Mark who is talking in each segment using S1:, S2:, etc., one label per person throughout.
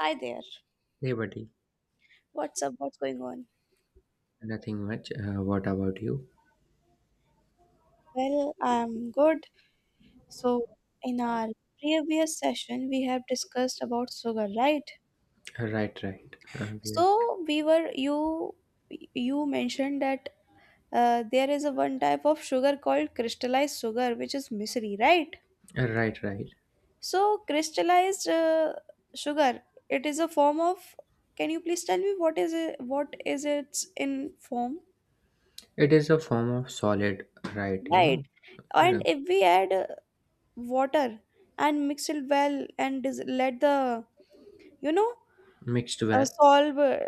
S1: Hi there.
S2: Hey buddy,
S1: What's up? What's going on?
S2: nothing much. What about you?
S1: Well, I'm good. So, in our previous session, we have discussed about sugar, right?
S2: Right, right. Yeah.
S1: So, we were you you mentioned that there is a one type of sugar called crystallized sugar, which is misery, right?
S2: Right, right.
S1: So, crystallized sugar, it is a form of. Can you please tell me what is it? What is its in form?
S2: It is a form of solid, right?
S1: Right. And
S2: Uh,
S1: if we add water and mix it well and let the you know
S2: Mixed well.
S1: solve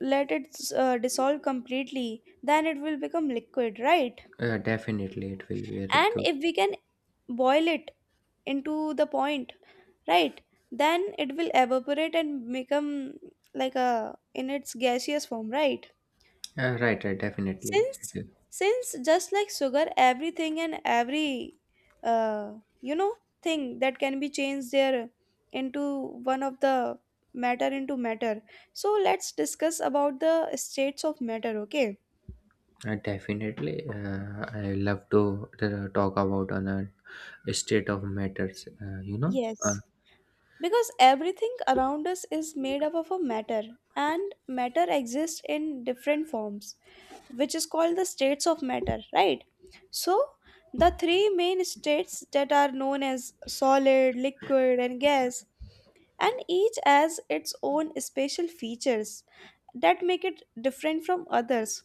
S1: let it dissolve completely, then it will become liquid, right?
S2: Definitely, it will be very
S1: And
S2: good.
S1: if we can boil it into the point, right, then it will evaporate and become like a in its gaseous form, right?
S2: Right, right. Definitely,
S1: Since since just like sugar, everything and every uh, you know thing that can be changed there into one of the matter into matter. So let's discuss about the states of matter, okay?
S2: definitely. I love to talk about on a state of matters. Uh,
S1: Yes, because everything around us is made up of a matter, and matter exists in different forms, which is called the states of matter, right? So, the three main states that are known as solid, liquid, and gas, and each has its own special features that make it different from others.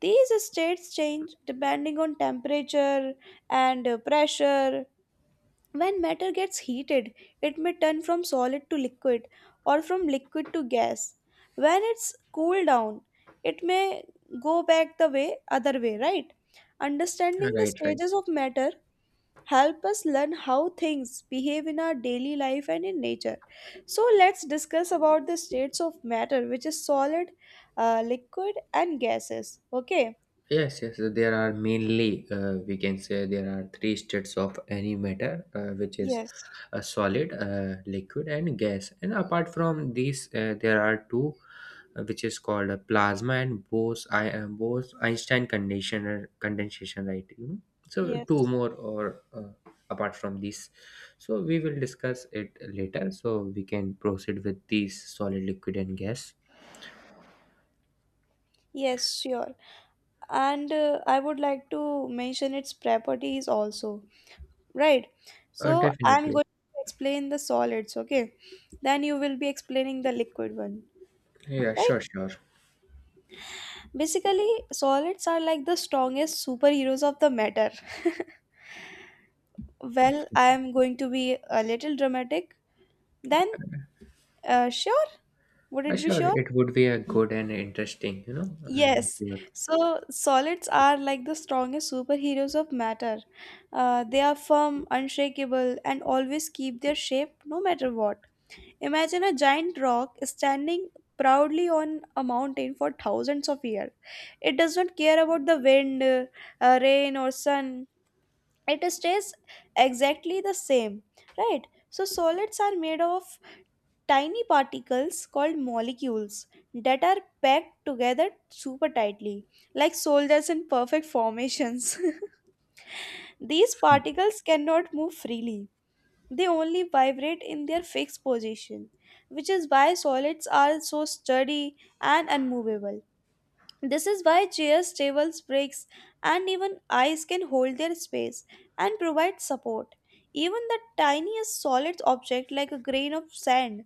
S1: These states change depending on temperature and pressure. When matter gets heated, it may turn from solid to liquid or from liquid to gas. When it's cooled down, it may go back the way other way, right? Understanding the
S2: right, right.
S1: stages of matter help us learn how things behave in our daily life and in nature. So let's discuss about the states of matter, which is solid, liquid, and gases. Okay.
S2: Yes, yes. There are mainly we can say there are three states of any matter, which is
S1: Yes,
S2: a solid, liquid, and gas. And apart from these, there are two, which is called a plasma and Bose Einstein condensation, condensation, right? You know? So
S1: yes.
S2: two more or apart from these. So we will discuss it later. So we can proceed with these solid, liquid, and gas.
S1: Yes, sure. And I would like to mention its properties also, right? So I'm
S2: Definitely.
S1: going to explain the solids, okay? Then you will be explaining the liquid one,
S2: Yeah,
S1: right?
S2: sure, sure.
S1: Basically, solids are like the strongest superheroes of the matter. Well, I am going to be a little dramatic. Then, sure? Would it be
S2: Sure,
S1: sure?
S2: it would be a good and interesting, you know, if
S1: Yes,
S2: you
S1: so solids are like the strongest superheroes of matter. They are firm, unshakable, and always keep their shape no matter what. Imagine a giant rock standing proudly on a mountain for thousands of years. It does not care about the wind, rain, or sun. It stays exactly the same, right? So solids are made of tiny particles called molecules that are packed together super tightly, like soldiers in perfect formations. These particles cannot move freely, they only vibrate in their fixed position, which is why solids are so sturdy and unmovable. This is why chairs, tables, bricks, and even ice can hold their space and provide support. Even the tiniest solid object, like a grain of sand,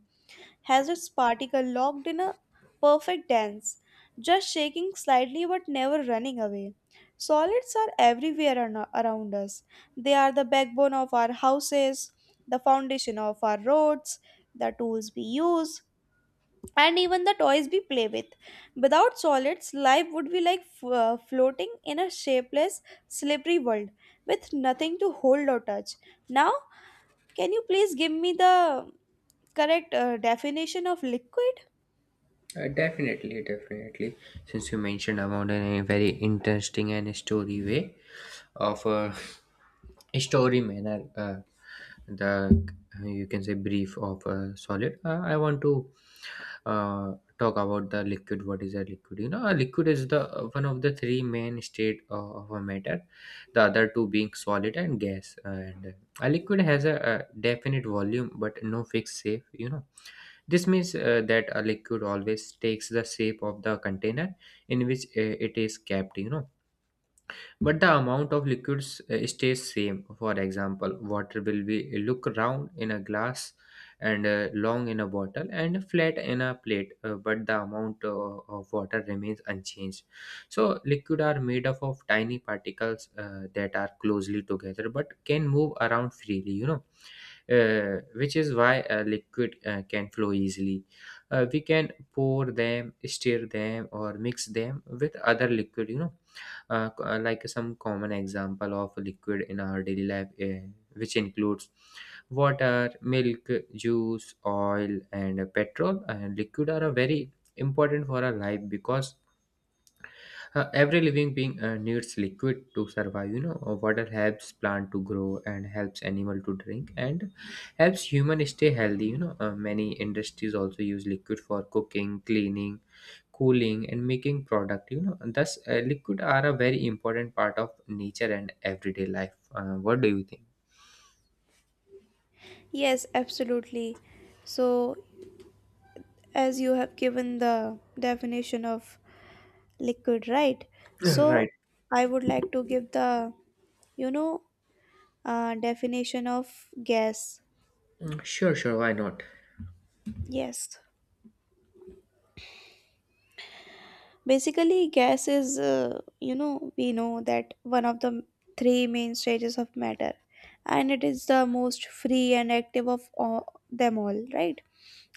S1: has its particle locked in a perfect dance, just shaking slightly but never running away. Solids are everywhere around us. They are the backbone of our houses, the foundation of our roads, the tools we use, and even the toys we play with. Without solids, life would be like floating in a shapeless, slippery world with nothing to hold or touch. Now, can you please give me the correct definition of liquid?
S2: Definitely, definitely. Since you mentioned about in a very interesting and story way of a story manner, the you can say brief of a solid. I want to uh, talk about the liquid. What is a liquid? You know, a liquid is the one of the three main state of a matter. The other two being solid and gas. And a liquid has a definite volume but no fixed shape. You know, this means that a liquid always takes the shape of the container in which it is kept, you know. But the amount of liquids stays same. For example, water will be look round in a glass and long in a bottle and flat in a plate, but the amount of water remains unchanged. So liquid are made up of tiny particles that are closely together but can move around freely, you know, which is why a liquid can flow easily. We can pour them, stir them, or mix them with other liquid. Like some common example of liquid in our daily life, which includes water, milk, juice, oil, and petrol. And liquid are a very important for our life because every living being needs liquid to survive. You know, water helps plant to grow and helps animal to drink and helps human stay healthy. You know, many industries also use liquid for cooking, cleaning, cooling, and making product. You know, and thus liquid are a very important part of nature and everyday life. What do you think?
S1: Yes, absolutely. So, as you have given the definition of liquid, right? So,
S2: Right.
S1: I would like to give the, you know, definition of gas.
S2: Mm, sure, sure. Why not?
S1: Yes. Basically, gas is, we know that one of the three main stages of matter, and it is the most free and active of all, them all, right?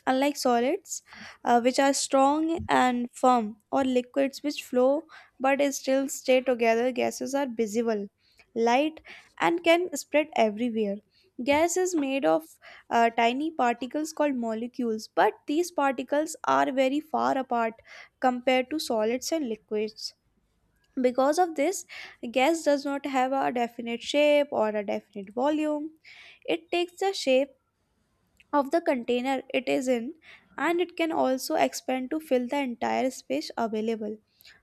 S1: Unlike solids, which are strong and firm, or liquids which flow but still stay together, gases are visible, light, and can spread everywhere. Gas is made of tiny particles called molecules, but these particles are very far apart compared to solids and liquids. Because of this, gas does not have a definite shape or a definite volume. It takes the shape of the container it is in, and it can also expand to fill the entire space available.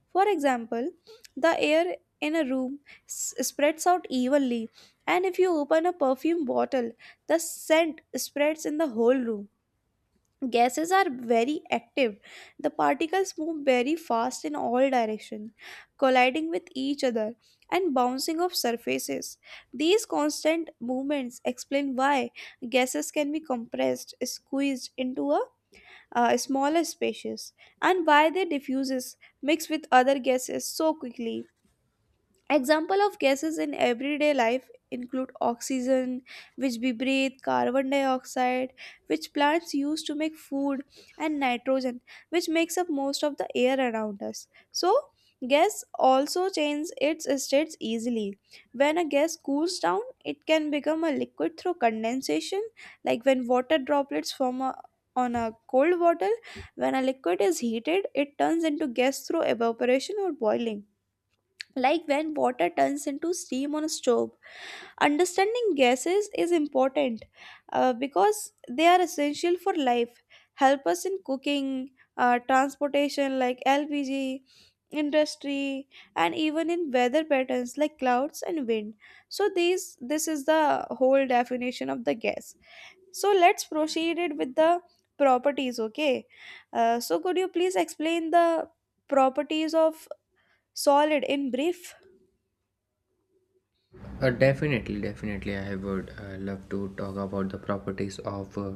S1: For example, the air in a room spreads out evenly, and if you open a perfume bottle, the scent spreads in the whole room. Gases are very active. The particles move very fast in all directions, colliding with each other and bouncing off surfaces. These constant movements explain why gases can be compressed, squeezed into a smaller spaces, and why they diffuses, mix with other gases so quickly. Example of gases in everyday life include oxygen, which we breathe, carbon dioxide, which plants use to make food, and nitrogen, which makes up most of the air around us. So, gas also changes its states easily. When a gas cools down, it can become a liquid through condensation, like when water droplets form a, on a cold bottle. When a liquid is heated, it turns into gas through evaporation or boiling, like when water turns into steam on a stove. Understanding gases is important because they are essential for life, help us in cooking, transportation like LPG, industry, and even in weather patterns like clouds and wind. So these this is the whole definition of the gas. So let's proceed it with the properties, okay? So could you please explain the properties of solid in brief?
S2: Definitely, definitely. I would love to talk about the properties of uh,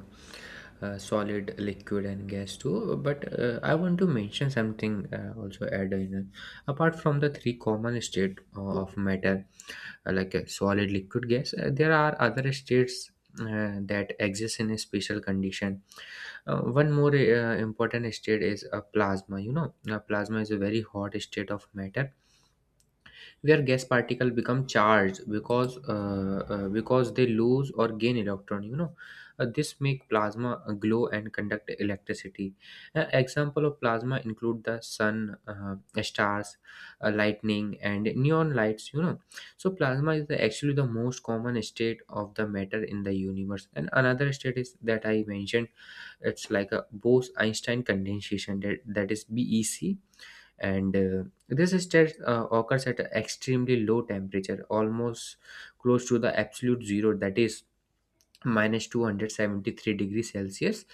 S2: uh, solid, liquid, and gas too. But I want to mention something also add in. Apart from the three common state of matter, solid, liquid, gas, there are other states that exist in a special condition. One more important state is a plasma. You know, a plasma is a very hot state of matter where gas particles become charged because they lose or gain electron, you know. This make plasma glow and conduct electricity. Example of plasma include the sun, uh, stars, lightning, and neon lights, you know. So plasma is the, actually the most common state of the matter in the universe. And another state is that I mentioned, it's like a Bose Einstein condensation. That is bec and This state occurs at an extremely low temperature, almost close to the absolute zero, that is minus 273 degrees Celsius.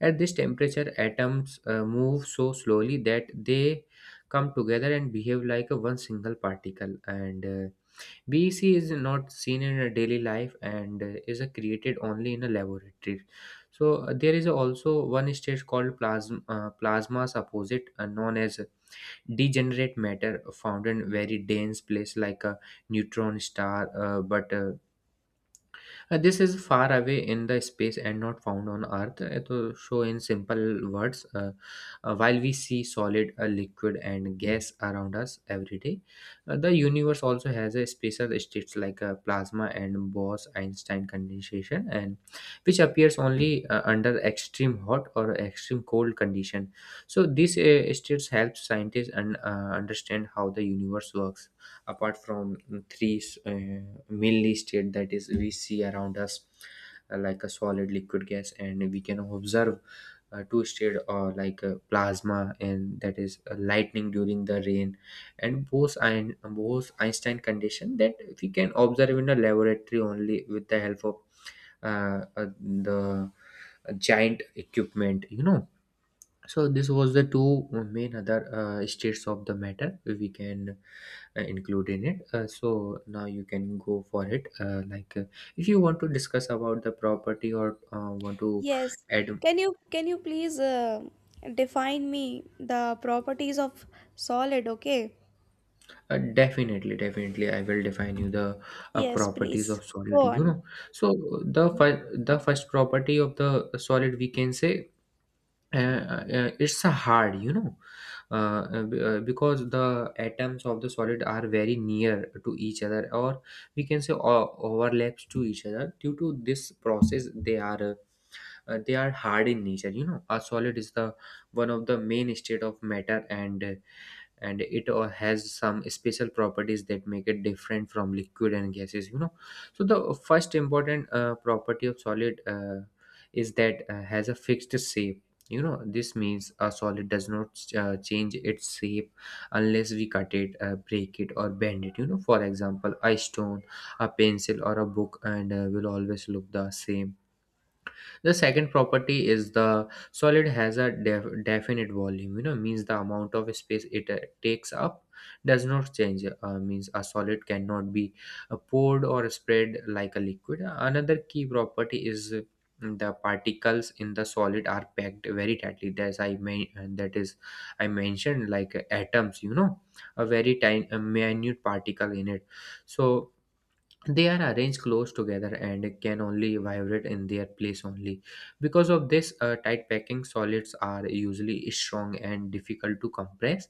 S2: At this temperature atoms move so slowly that they come together and behave like a one single particle. And BEC is not seen in a daily life and is created only in a laboratory. So there is also one state called plasma. Plasma's opposite, known as degenerate matter, found in very dense place like a neutron star, but this is far away in the space and not found on Earth. To show in simple words, while we see solid, liquid, and gas around us every day, the universe also has a special states like plasma and Bose-Einstein condensation, and which appears only under extreme hot or extreme cold condition. So these states help scientists and understand how the universe works apart from three mainly state that is we see around us, like a solid, liquid, gas. And we can observe two state, or like plasma, and that is lightning during the rain, and both Einstein condition that we can observe in a laboratory only with the help of the giant equipment, you know. So this was the two main other states of the matter we can include in it. So now you can go for it, if you want to discuss about the property or want to
S1: Yes.
S2: add.
S1: Can you please define me the properties of solid, okay?
S2: Definitely, definitely, I will define you the
S1: Yes,
S2: properties
S1: please.
S2: of solid,
S1: Go
S2: you
S1: on.
S2: know. So the first property of the solid we can say, it's a hard, you know, because the atoms of the solid are very near to each other, or we can say overlaps to each other. Due to this process they are, they are hard in nature, you know. A solid is the one of the main state of matter, and it has some special properties that make it different from liquid and gases, you know. So the first important property of solid is that has a fixed shape, you know. This means a solid does not change its shape unless we cut it, break it, or bend it, you know. For example, a stone, a pencil, or a book, and will always look the same. The second property is the solid has a definite volume, you know, means the amount of space it takes up does not change, means a solid cannot be poured or spread like a liquid. Another key property is the particles in the solid are packed very tightly, as I may, that is, I mentioned, like atoms, you know, a very tiny, a minute particle in it. So they are arranged close together and can only vibrate in their place only. Because of this tight packing, solids are usually strong and difficult to compress.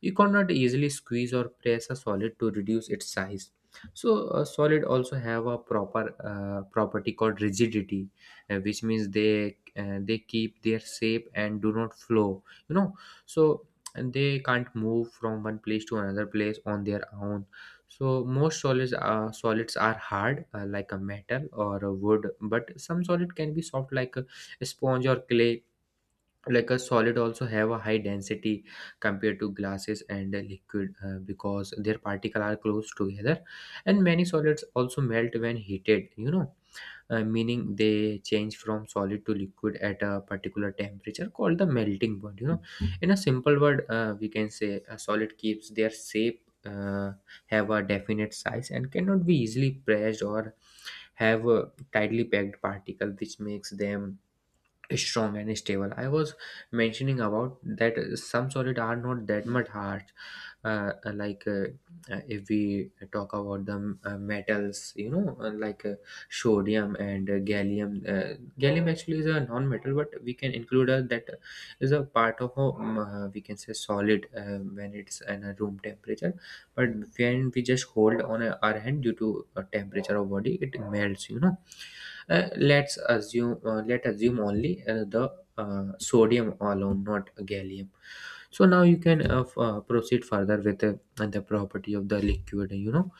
S2: You cannot easily squeeze or press a solid to reduce its size. So a solid also have a property called rigidity, which means they keep their shape and do not flow, you know. So, and they can't move from one place to another place on their own. So most solids solids are hard, like a metal or a wood, but some solid can be soft like a sponge or clay. Like a solid also have a high density compared to glasses and a liquid, because their particles are close together, and many solids also melt when heated. You know, meaning they change from solid to liquid at a particular temperature called the melting point, you know. In a simple word, we can say a solid keeps their shape, have a definite size and cannot be easily pressed, or have a tightly packed particle which makes them strong and stable. I was mentioning about that some solid are not that much hard. Uh, like uh, if we talk about the metals, you know, sodium and gallium. Gallium actually is a non-metal, but we can include that is a part of a we can say solid when it's at a room temperature. But when we just hold on our hand, due to temperature of body it melts, you know. Uh, let's assume let assume only the sodium alone, not gallium. So now you can proceed further with the property of the liquid, you know.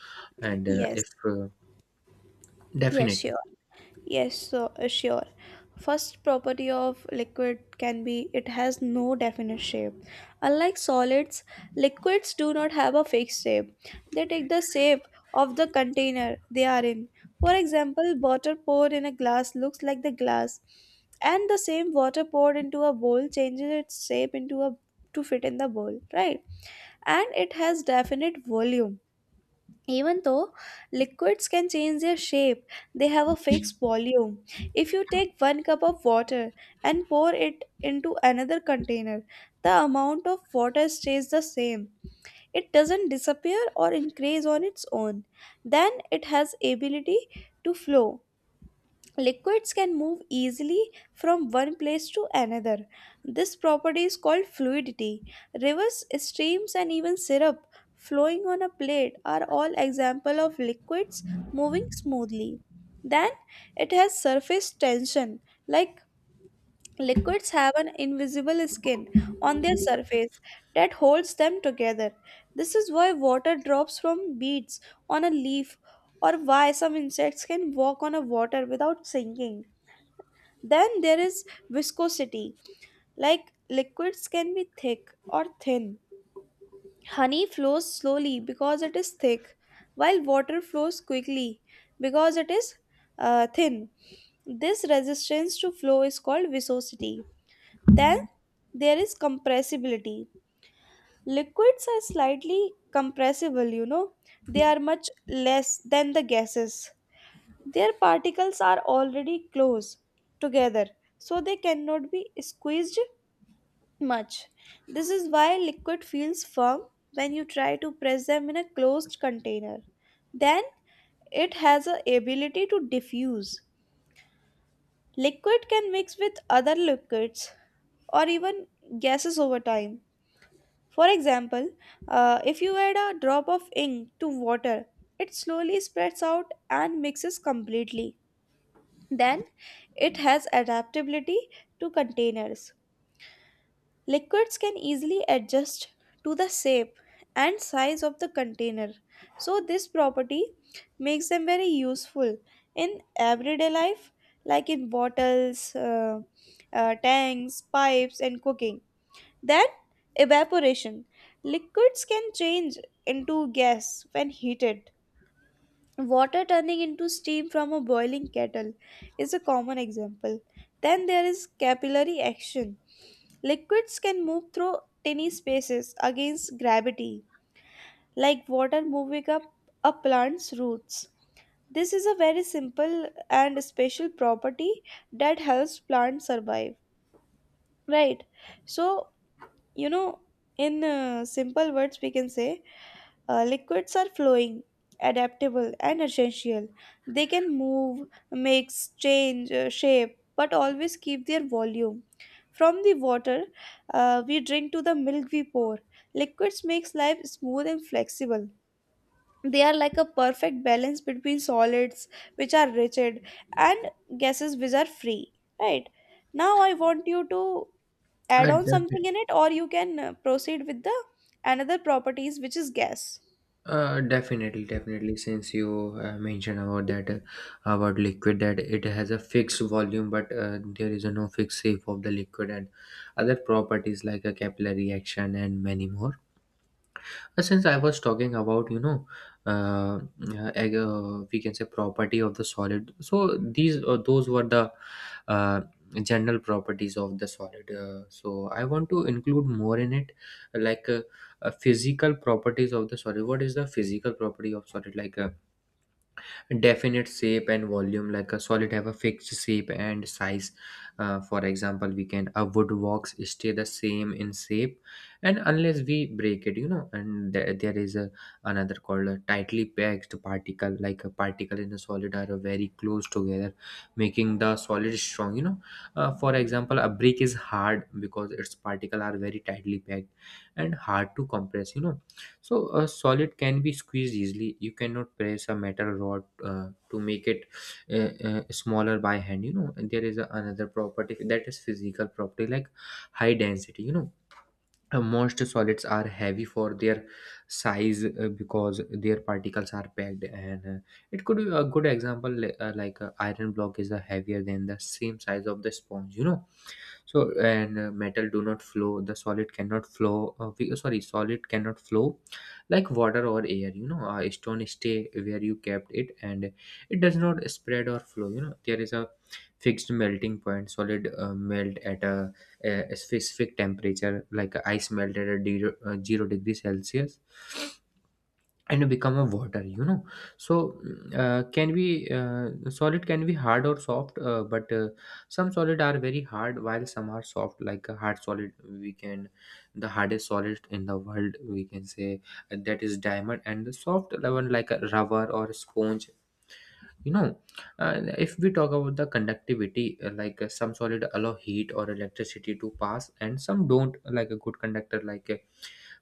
S2: And
S1: Yes.
S2: if
S1: Yes,
S2: definitely.
S1: sure. Yes, so sure. First property of liquid can be it has no definite shape. Unlike solids, liquids do not have a fixed shape. They take the shape of the container they are in. For example, water poured in a glass looks like the glass, and the same water poured into a bowl changes its shape into a to fit in the bowl, right? And it has definite volume. Even though liquids can change their shape, they have a fixed volume. If you take one cup of water and pour it into another container, the amount of water stays the same. It doesn't disappear or increase on its own. Then it has ability to flow. Liquids can move easily from one place to another. This property is called fluidity. Rivers, streams, and even syrup flowing on a plate are all example of liquids moving smoothly. Then it has surface tension, like liquids have an invisible skin on their surface that holds them together. This is why water drops from beads on a leaf or why some insects can walk on a water without sinking. Then there is viscosity, like liquids can be thick or thin. Honey flows slowly because it is thick, while water flows quickly because it is thin. This resistance to flow is called viscosity. Then there is compressibility. Liquids are slightly compressible, you know, they are much less than the gases. Their particles are already close together, so they cannot be squeezed much. This is why liquid feels firm when you try to press them in a closed container. Then it has a ability to diffuse. Liquid can mix with other liquids or even gases over time. For example, if you add a drop of ink to water, it slowly spreads out and mixes completely. Then it has adaptability to containers. Liquids can easily adjust to the shape and size of the container. So, this property makes them very useful in everyday life, like in bottles, tanks, pipes, and cooking. Then evaporation. Liquids can change into gas when heated. Water turning into steam from a boiling kettle is a common example. Then there is capillary action. Liquids can move through tiny spaces against gravity, like water moving up a plant's roots. This is a very simple and special property that helps plants survive. Right. So, you know, in simple words, we can say liquids are flowing, adaptable, and essential. They can move, mix, change shape, but always keep their volume. From the water we drink to the milk we pour, liquids makes life smooth and flexible. They are like a perfect balance between solids, which are rigid, and gases, which are free. Right now, I want you to add
S2: uh,
S1: on something
S2: def-
S1: in it, or you can proceed with the another properties which is gas.
S2: Definitely, definitely. Since you mentioned about that, about liquid, that it has a fixed volume, but there is a no fixed shape of the liquid, and other properties like a capillary action and many more. Since I was talking about, you know, uh, we can say property of the solid. So these, those were the uh, general properties of the solid. So I want to include more in it, like uh, physical properties of the solid. What is the physical property of solid? Like definite shape and volume, like a solid have a fixed shape and size. For example, we can a wood box stay the same in shape, and unless we break it, and there is a another called a tightly packed particle. Like a particle in a solid are very close together making the solid strong. For example, a brick is hard because its particle are very tightly packed and hard to compress, so a solid can be squeezed easily. You cannot press a metal rod to make it smaller by hand. You know, and there is a, another property that is physical property, like high density. Most solids are heavy for their size because their particles are packed, and it could be a good example, like iron block is heavier than the same size of the sponge. So and metal do not flow, the solid cannot flow, sorry, solid cannot flow like water or air, stone stay where you kept it and it does not spread or flow. There is a fixed melting point. Solid melt at a specific temperature, like ice melt at a 0-degree celsius and become a water. So can be solid can be hard or soft, but some solid are very hard while some are soft. Like a hard solid, we can, the hardest solid in the world, we can say, that is diamond, and the soft one like a rubber or sponge you know if we talk about the conductivity, like some solid allow heat or electricity to pass and some don't, like a good conductor like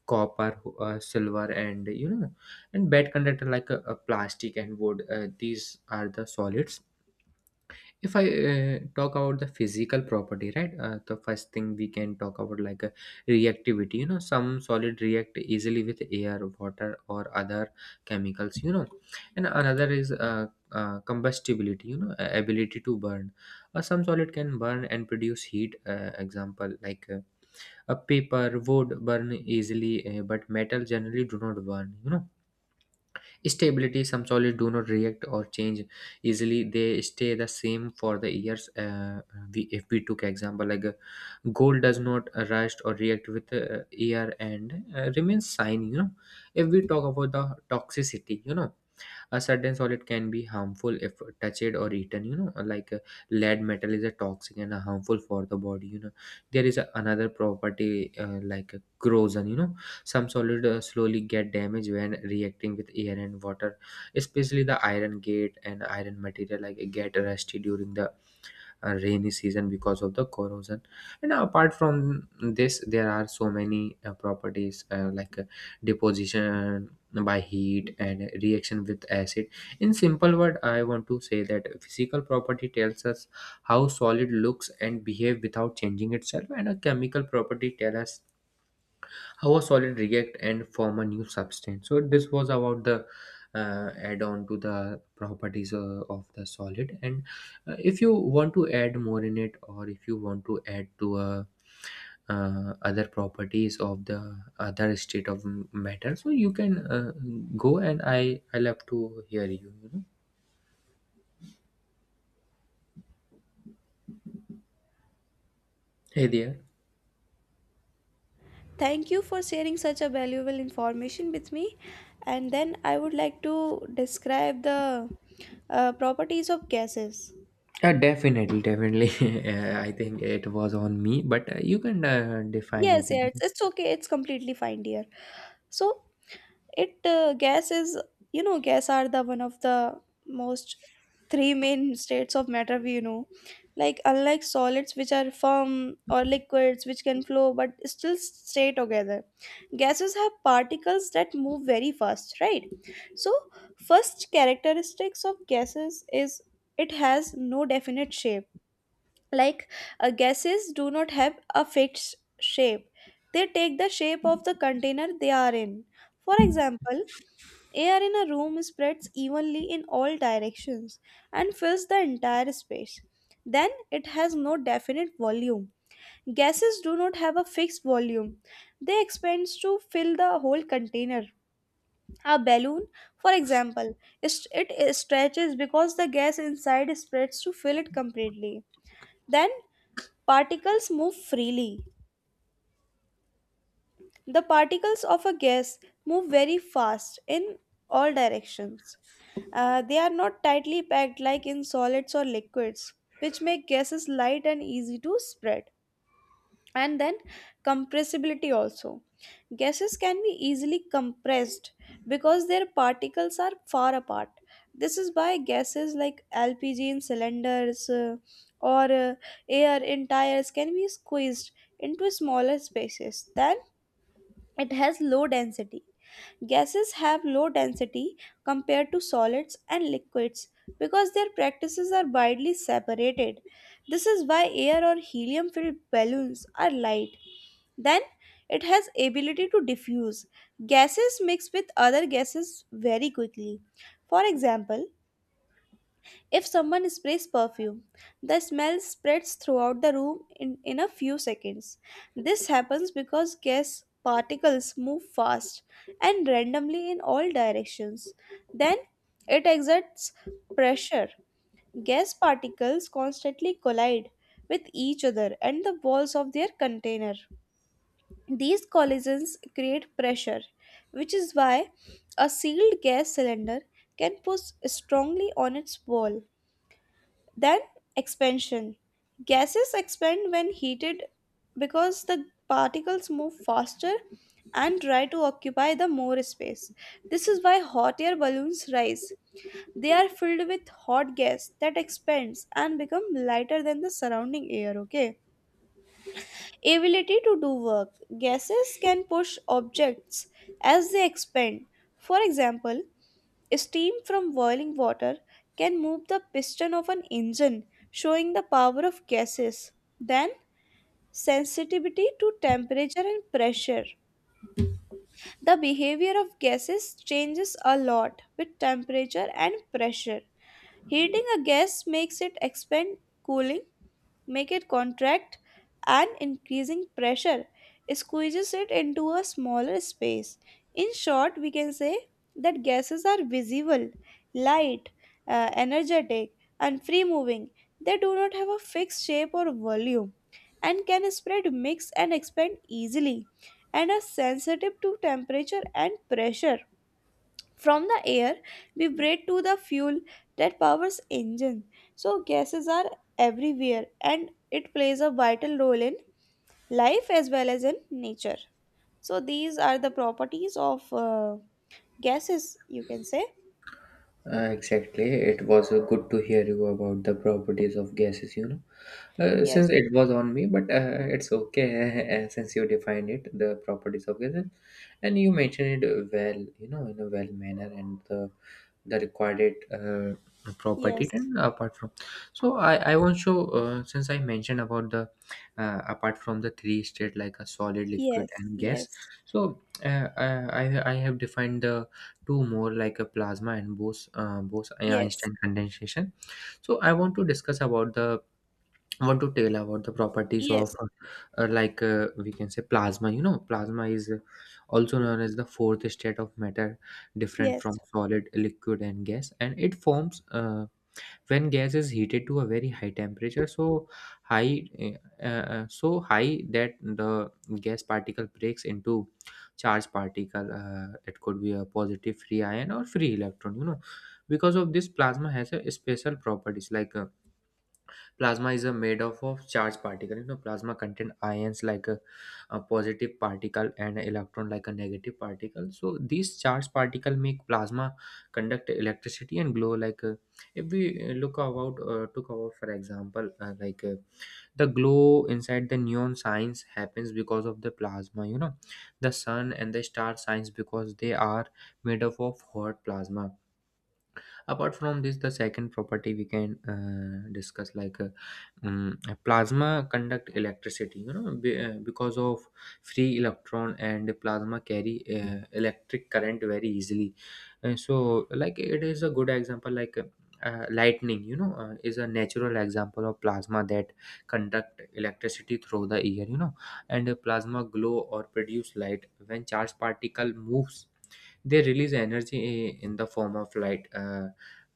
S2: copper, silver, and and bad conductor like plastic and wood. These are the solids. If I talk about the physical property, right? The first thing we can talk about, like reactivity. You know, some solid react easily with air, water, or other chemicals. And another is combustibility. Ability to burn. Some solid can burn and produce heat. Example, like a paper would burn easily, eh, but metal generally do not burn. You know, stability. Some solids do not react or change easily. They stay the same for the years. We, if we took example like gold does not rust or react with air and remains shiny. You know, if we talk about the toxicity, a certain solid can be harmful if touched or eaten, like lead metal is a toxic and a harmful for the body. There is another property, like corrosion, some solid slowly get damaged when reacting with air and water, especially the iron gate and iron material like get rusty during the rainy season because of the corrosion. And apart from this, there are so many properties, like deposition by heat and reaction with acid. In simple word, I want to say that physical property tells us how solid looks and behave without changing itself, and a chemical property tell us how a solid react and form a new substance. So this was about the add on to the properties of the solid. And if you want to add more in it, or if you want to add to other properties of the other state of matter, so you can go and I love to hear you you know Hey there.
S1: Thank you for sharing such a valuable information with me. And then I would like to describe the properties of gases.
S2: Definitely, definitely. I think it was on me, but you can define
S1: Yes,
S2: it.
S1: yes, it's okay, it's completely fine, dear. So it gas is, you know, gas are the one of the most three main states of matter we know, like unlike solids which are firm or liquids which can flow but still stay together, gases have particles that move very fast, right? So first characteristics of gases is it has no definite shape. Like gases do not have a fixed shape. They take the shape of the container they are in. For example, air in a room spreads evenly in all directions and fills the entire space. Then it has no definite volume. Gases do not have a fixed volume. They expand to fill the whole container. A balloon, for example, it stretches because the gas inside spreads to fill it completely. Then particles move freely. The particles of a gas move very fast in all directions. They are not tightly packed like in solids or liquids, which make gases light and easy to spread. And then compressibility also. Gases can be easily compressed because their particles are far apart. This is why gases like LPG in cylinders or air in tires can be squeezed into smaller spaces than it has low density. Gases have low density compared to solids and liquids because their practices are widely separated. This is why air or helium filled balloons are light. Then it has ability to diffuse. Gases mix with other gases very quickly. For example, if someone sprays perfume, the smell spreads throughout the room in a few seconds. This happens because gas particles move fast and randomly in all directions. Then it exerts pressure. Gas particles constantly collide with each other and the walls of their container. These collisions create pressure, which is why a sealed gas cylinder can push strongly on its wall. Then expansion. Gases expand when heated because the particles move faster and try to occupy the more space. This is why hot air balloons rise. They are filled with hot gas that expands and become lighter than the surrounding air, okay? Ability to do work. Gases can push objects as they expand. For example, steam from boiling water can move the piston of an engine, showing the power of gases. Then, sensitivity to temperature and pressure. The behavior of gases changes a lot with temperature and pressure. Heating a gas makes it expand, cooling make it contract and increasing pressure squeezes it into a smaller space. In short, we can say that gases are visible, light, energetic, and free moving. They do not have a fixed shape or volume and can spread, mix, and expand easily and are sensitive to temperature and pressure. From the air, we breathe to the fuel that powers engine. So gases are everywhere and it plays a vital role in life as well as in nature. So these are the properties of gases, you can say.
S2: Exactly. It was good to hear you about the properties of gases, you know.
S1: Yes,
S2: Since it was on me, but it's okay. Since you defined it, the properties of gases, and you mentioned it well, you know, in a well manner, and the required property.
S1: yes,
S2: And apart from, so I also since I mentioned about the apart from the three state like a solid, liquid,
S1: yes,
S2: and gas.
S1: yes,
S2: So I I have defined the to more like a plasma and Bose
S1: yes,
S2: Einstein condensation. So I want to discuss about the, I want to tell about the properties of
S1: yes,
S2: like we can say plasma. You know, plasma is also known as the fourth state of matter, different
S1: yes,
S2: from solid, liquid, and gas, and it forms when gas is heated to a very high temperature, so high that the gas particle breaks into charged particle. It could be a positive free ion or free electron, you know. Because of this, plasma has a special properties, like plasma is a made up of charged particle, you know, plasma contain ions like a positive particle and electron like a negative particle. So these charged particle make plasma conduct electricity and glow, like if we look about took about, for example, like the glow inside the neon signs happens because of the plasma, you know. The sun and the star signs, because they are made up of hot plasma. Apart from this, the second property we can discuss, like um, plasma conduct electricity, because of free electron, and plasma carry electric current very easily. And so like, it is a good example, like lightning, is a natural example of plasma that conduct electricity through the air, you know. And a plasma glow or produce light when charged particle moves, they release energy in the form of light. Uh,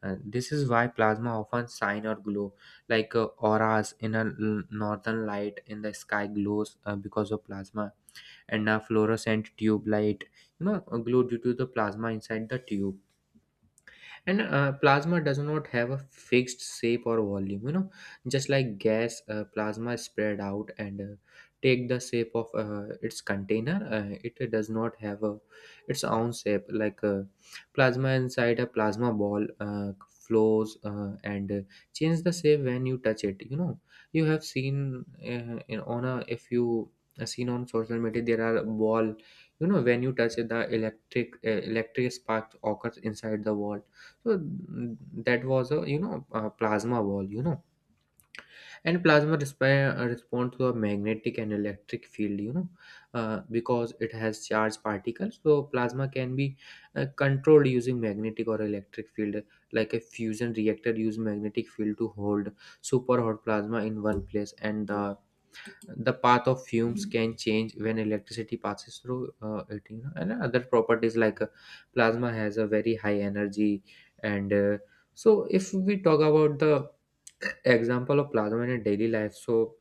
S2: uh, This is why plasma often shine or glow, like auras in a northern light in the sky glows because of plasma, and a fluorescent tube light, glow due to the plasma inside the tube. And plasma does not have a fixed shape or volume, you know. Just like gas, plasma spread out and take the shape of its container. It does not have a its own shape, like plasma inside a plasma ball flows, and change the shape when you touch it, you know. You have seen in on a, if you seen on social media, there are ball, you know, when you touch it, the electric electric spark occurs inside the wall. So that was a, you know, a plasma wall, you know. And plasma respond to a magnetic and electric field, because it has charged particles. So plasma can be controlled using magnetic or electric field, like a fusion reactor use magnetic field to hold super hot plasma in one place, and the path of fumes can change when electricity passes through it, you know. And other properties, like plasma has a very high energy. And so, if we talk about the example of plasma in a daily life, so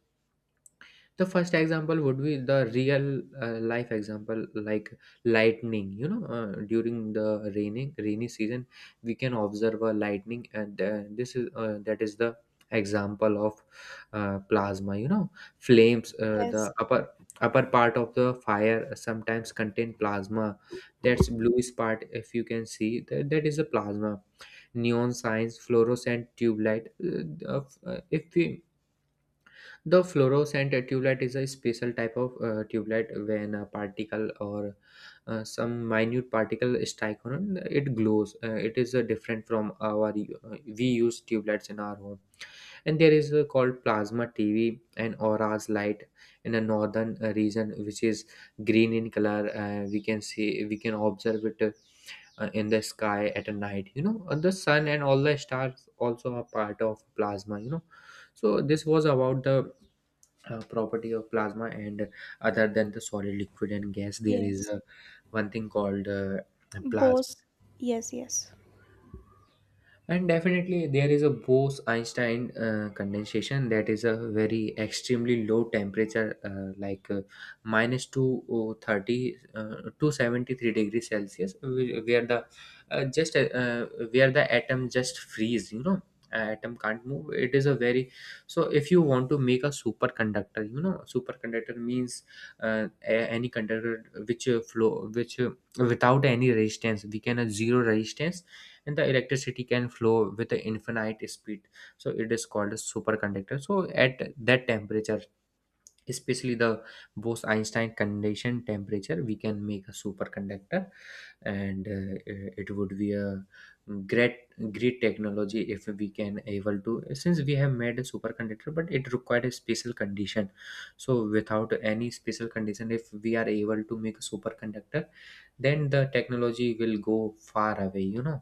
S2: the first example would be the real life example, like lightning, you know. During the raining rainy season, we can observe a lightning, and this is that is the example of plasma, you know. Flames,
S1: yes,
S2: the upper part of the fire sometimes contain plasma. That's bluish part, if you can see that, that is the plasma. Neon signs, fluorescent tube light, if we, the fluorescent tube light is a special type of tube light, when a particle or some minute particle strike on it, it glows. It is different from our we use tube lights in our home. And there is called plasma TV and auras light in a northern region, which is green in color. We can see, we can observe it in the sky at a night, you know. The sun and all the stars also are part of plasma, you know. So this was about the property of plasma. And other than the solid, liquid and gas, there is
S1: yes.
S2: one thing called plasma,
S1: Both, yes, yes.
S2: and definitely, there is a Bose-Einstein condensation, that is a very extremely low temperature, like minus two oh, 30 to 73 degrees Celsius, where the just where the atom just freeze. You know, atom can't move. It is a very, so if you want to make a superconductor, you know, superconductor means any conductor which flow, which without any resistance, we can have zero resistance and the electricity can flow with an infinite speed. So it is called a superconductor. So at that temperature, especially the Bose-Einstein condition temperature, we can make a superconductor. And it would be a great great technology if we can able to, since we have made a superconductor, but it required a special condition. So without any special condition, if we are able to make a superconductor, then the technology will go far away, you know.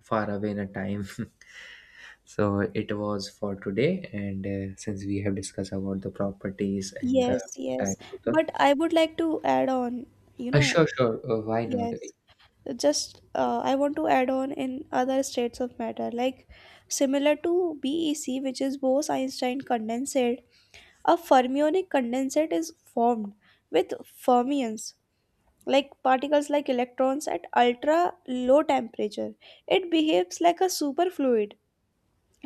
S2: Far away in a time. So it was for today, and since we have discussed about the properties and the
S1: Yes.
S2: types of the.
S1: But I would like to add on, you know,
S2: Sure, sure. Uh, why not?
S1: yes.
S2: Uh,
S1: Just I want to add on in other states of matter like similar to BEC, which is Bose-Einstein condensate. A fermionic condensate is formed with fermions like particles like electrons at ultra low temperature. It behaves like a superfluid,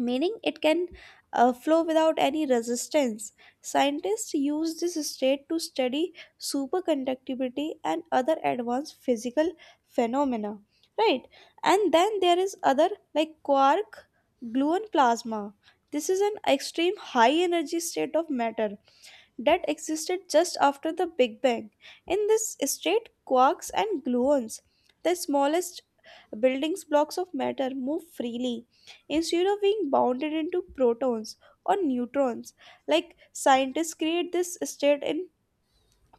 S1: meaning it can flow without any resistance. Scientists use this state to study superconductivity and other advanced physical phenomena, right? And then there is other like quark, gluon plasma. This is an extreme high energy state of matter that existed just after the Big Bang. In this state, quarks and gluons, the smallest buildings blocks of matter move freely instead of being bounded into protons or neutrons. Like scientists create this state in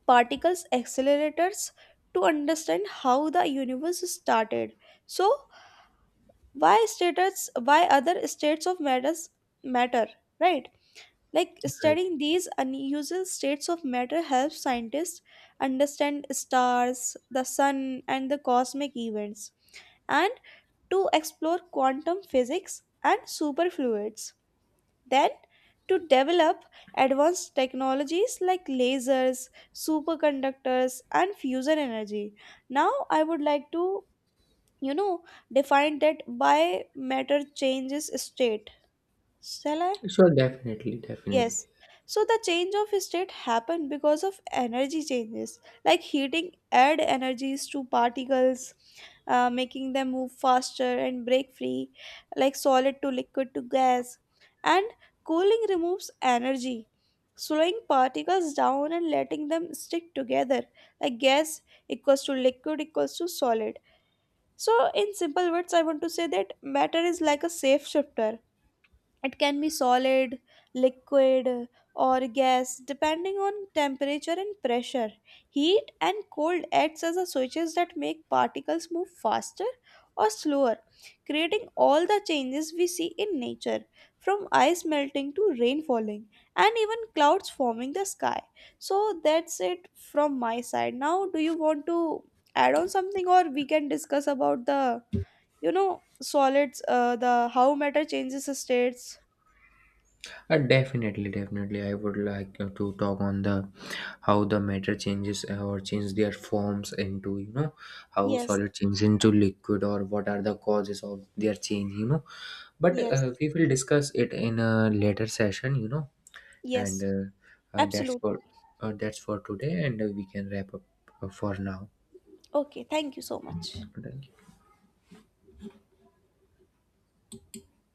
S1: particles accelerators to understand how the universe started. So why states, why other states of matters matter, right? Like studying these unusual states of matter helps scientists understand stars, the sun, and the cosmic events. And to explore quantum physics and superfluids, then to develop advanced technologies like lasers, superconductors, and fusion energy. Now, I would like to, you know, define that by matter changes state. Shall I?
S2: Sure, definitely, definitely.
S1: Yes. So the change of state happened because of energy changes, like heating add energies to particles, making them move faster and break free, like solid to liquid to gas. And cooling removes energy, slowing particles down and letting them stick together, like gas equals to liquid equals to solid. So, in simple words, I want to say that matter is like a safe shifter, it can be solid, liquid, or gas depending on temperature and pressure. Heat and cold acts as a switches that make particles move faster or slower, creating all the changes we see in nature, from ice melting to rain falling and even clouds forming the sky. So that's it from my side. Now, do you want to add on something or we can discuss about the, you know, solids, the how matter changes states?
S2: Definitely, definitely. I would like to talk on the how the matter changes or change their forms into, you know, how
S1: Yes,
S2: solid changes into liquid, or what are the causes of their change. You know, but
S1: yes,
S2: we will discuss it in a later session. And
S1: yes, absolutely.
S2: that's for today. And we can wrap up for now
S1: Okay, thank you so much.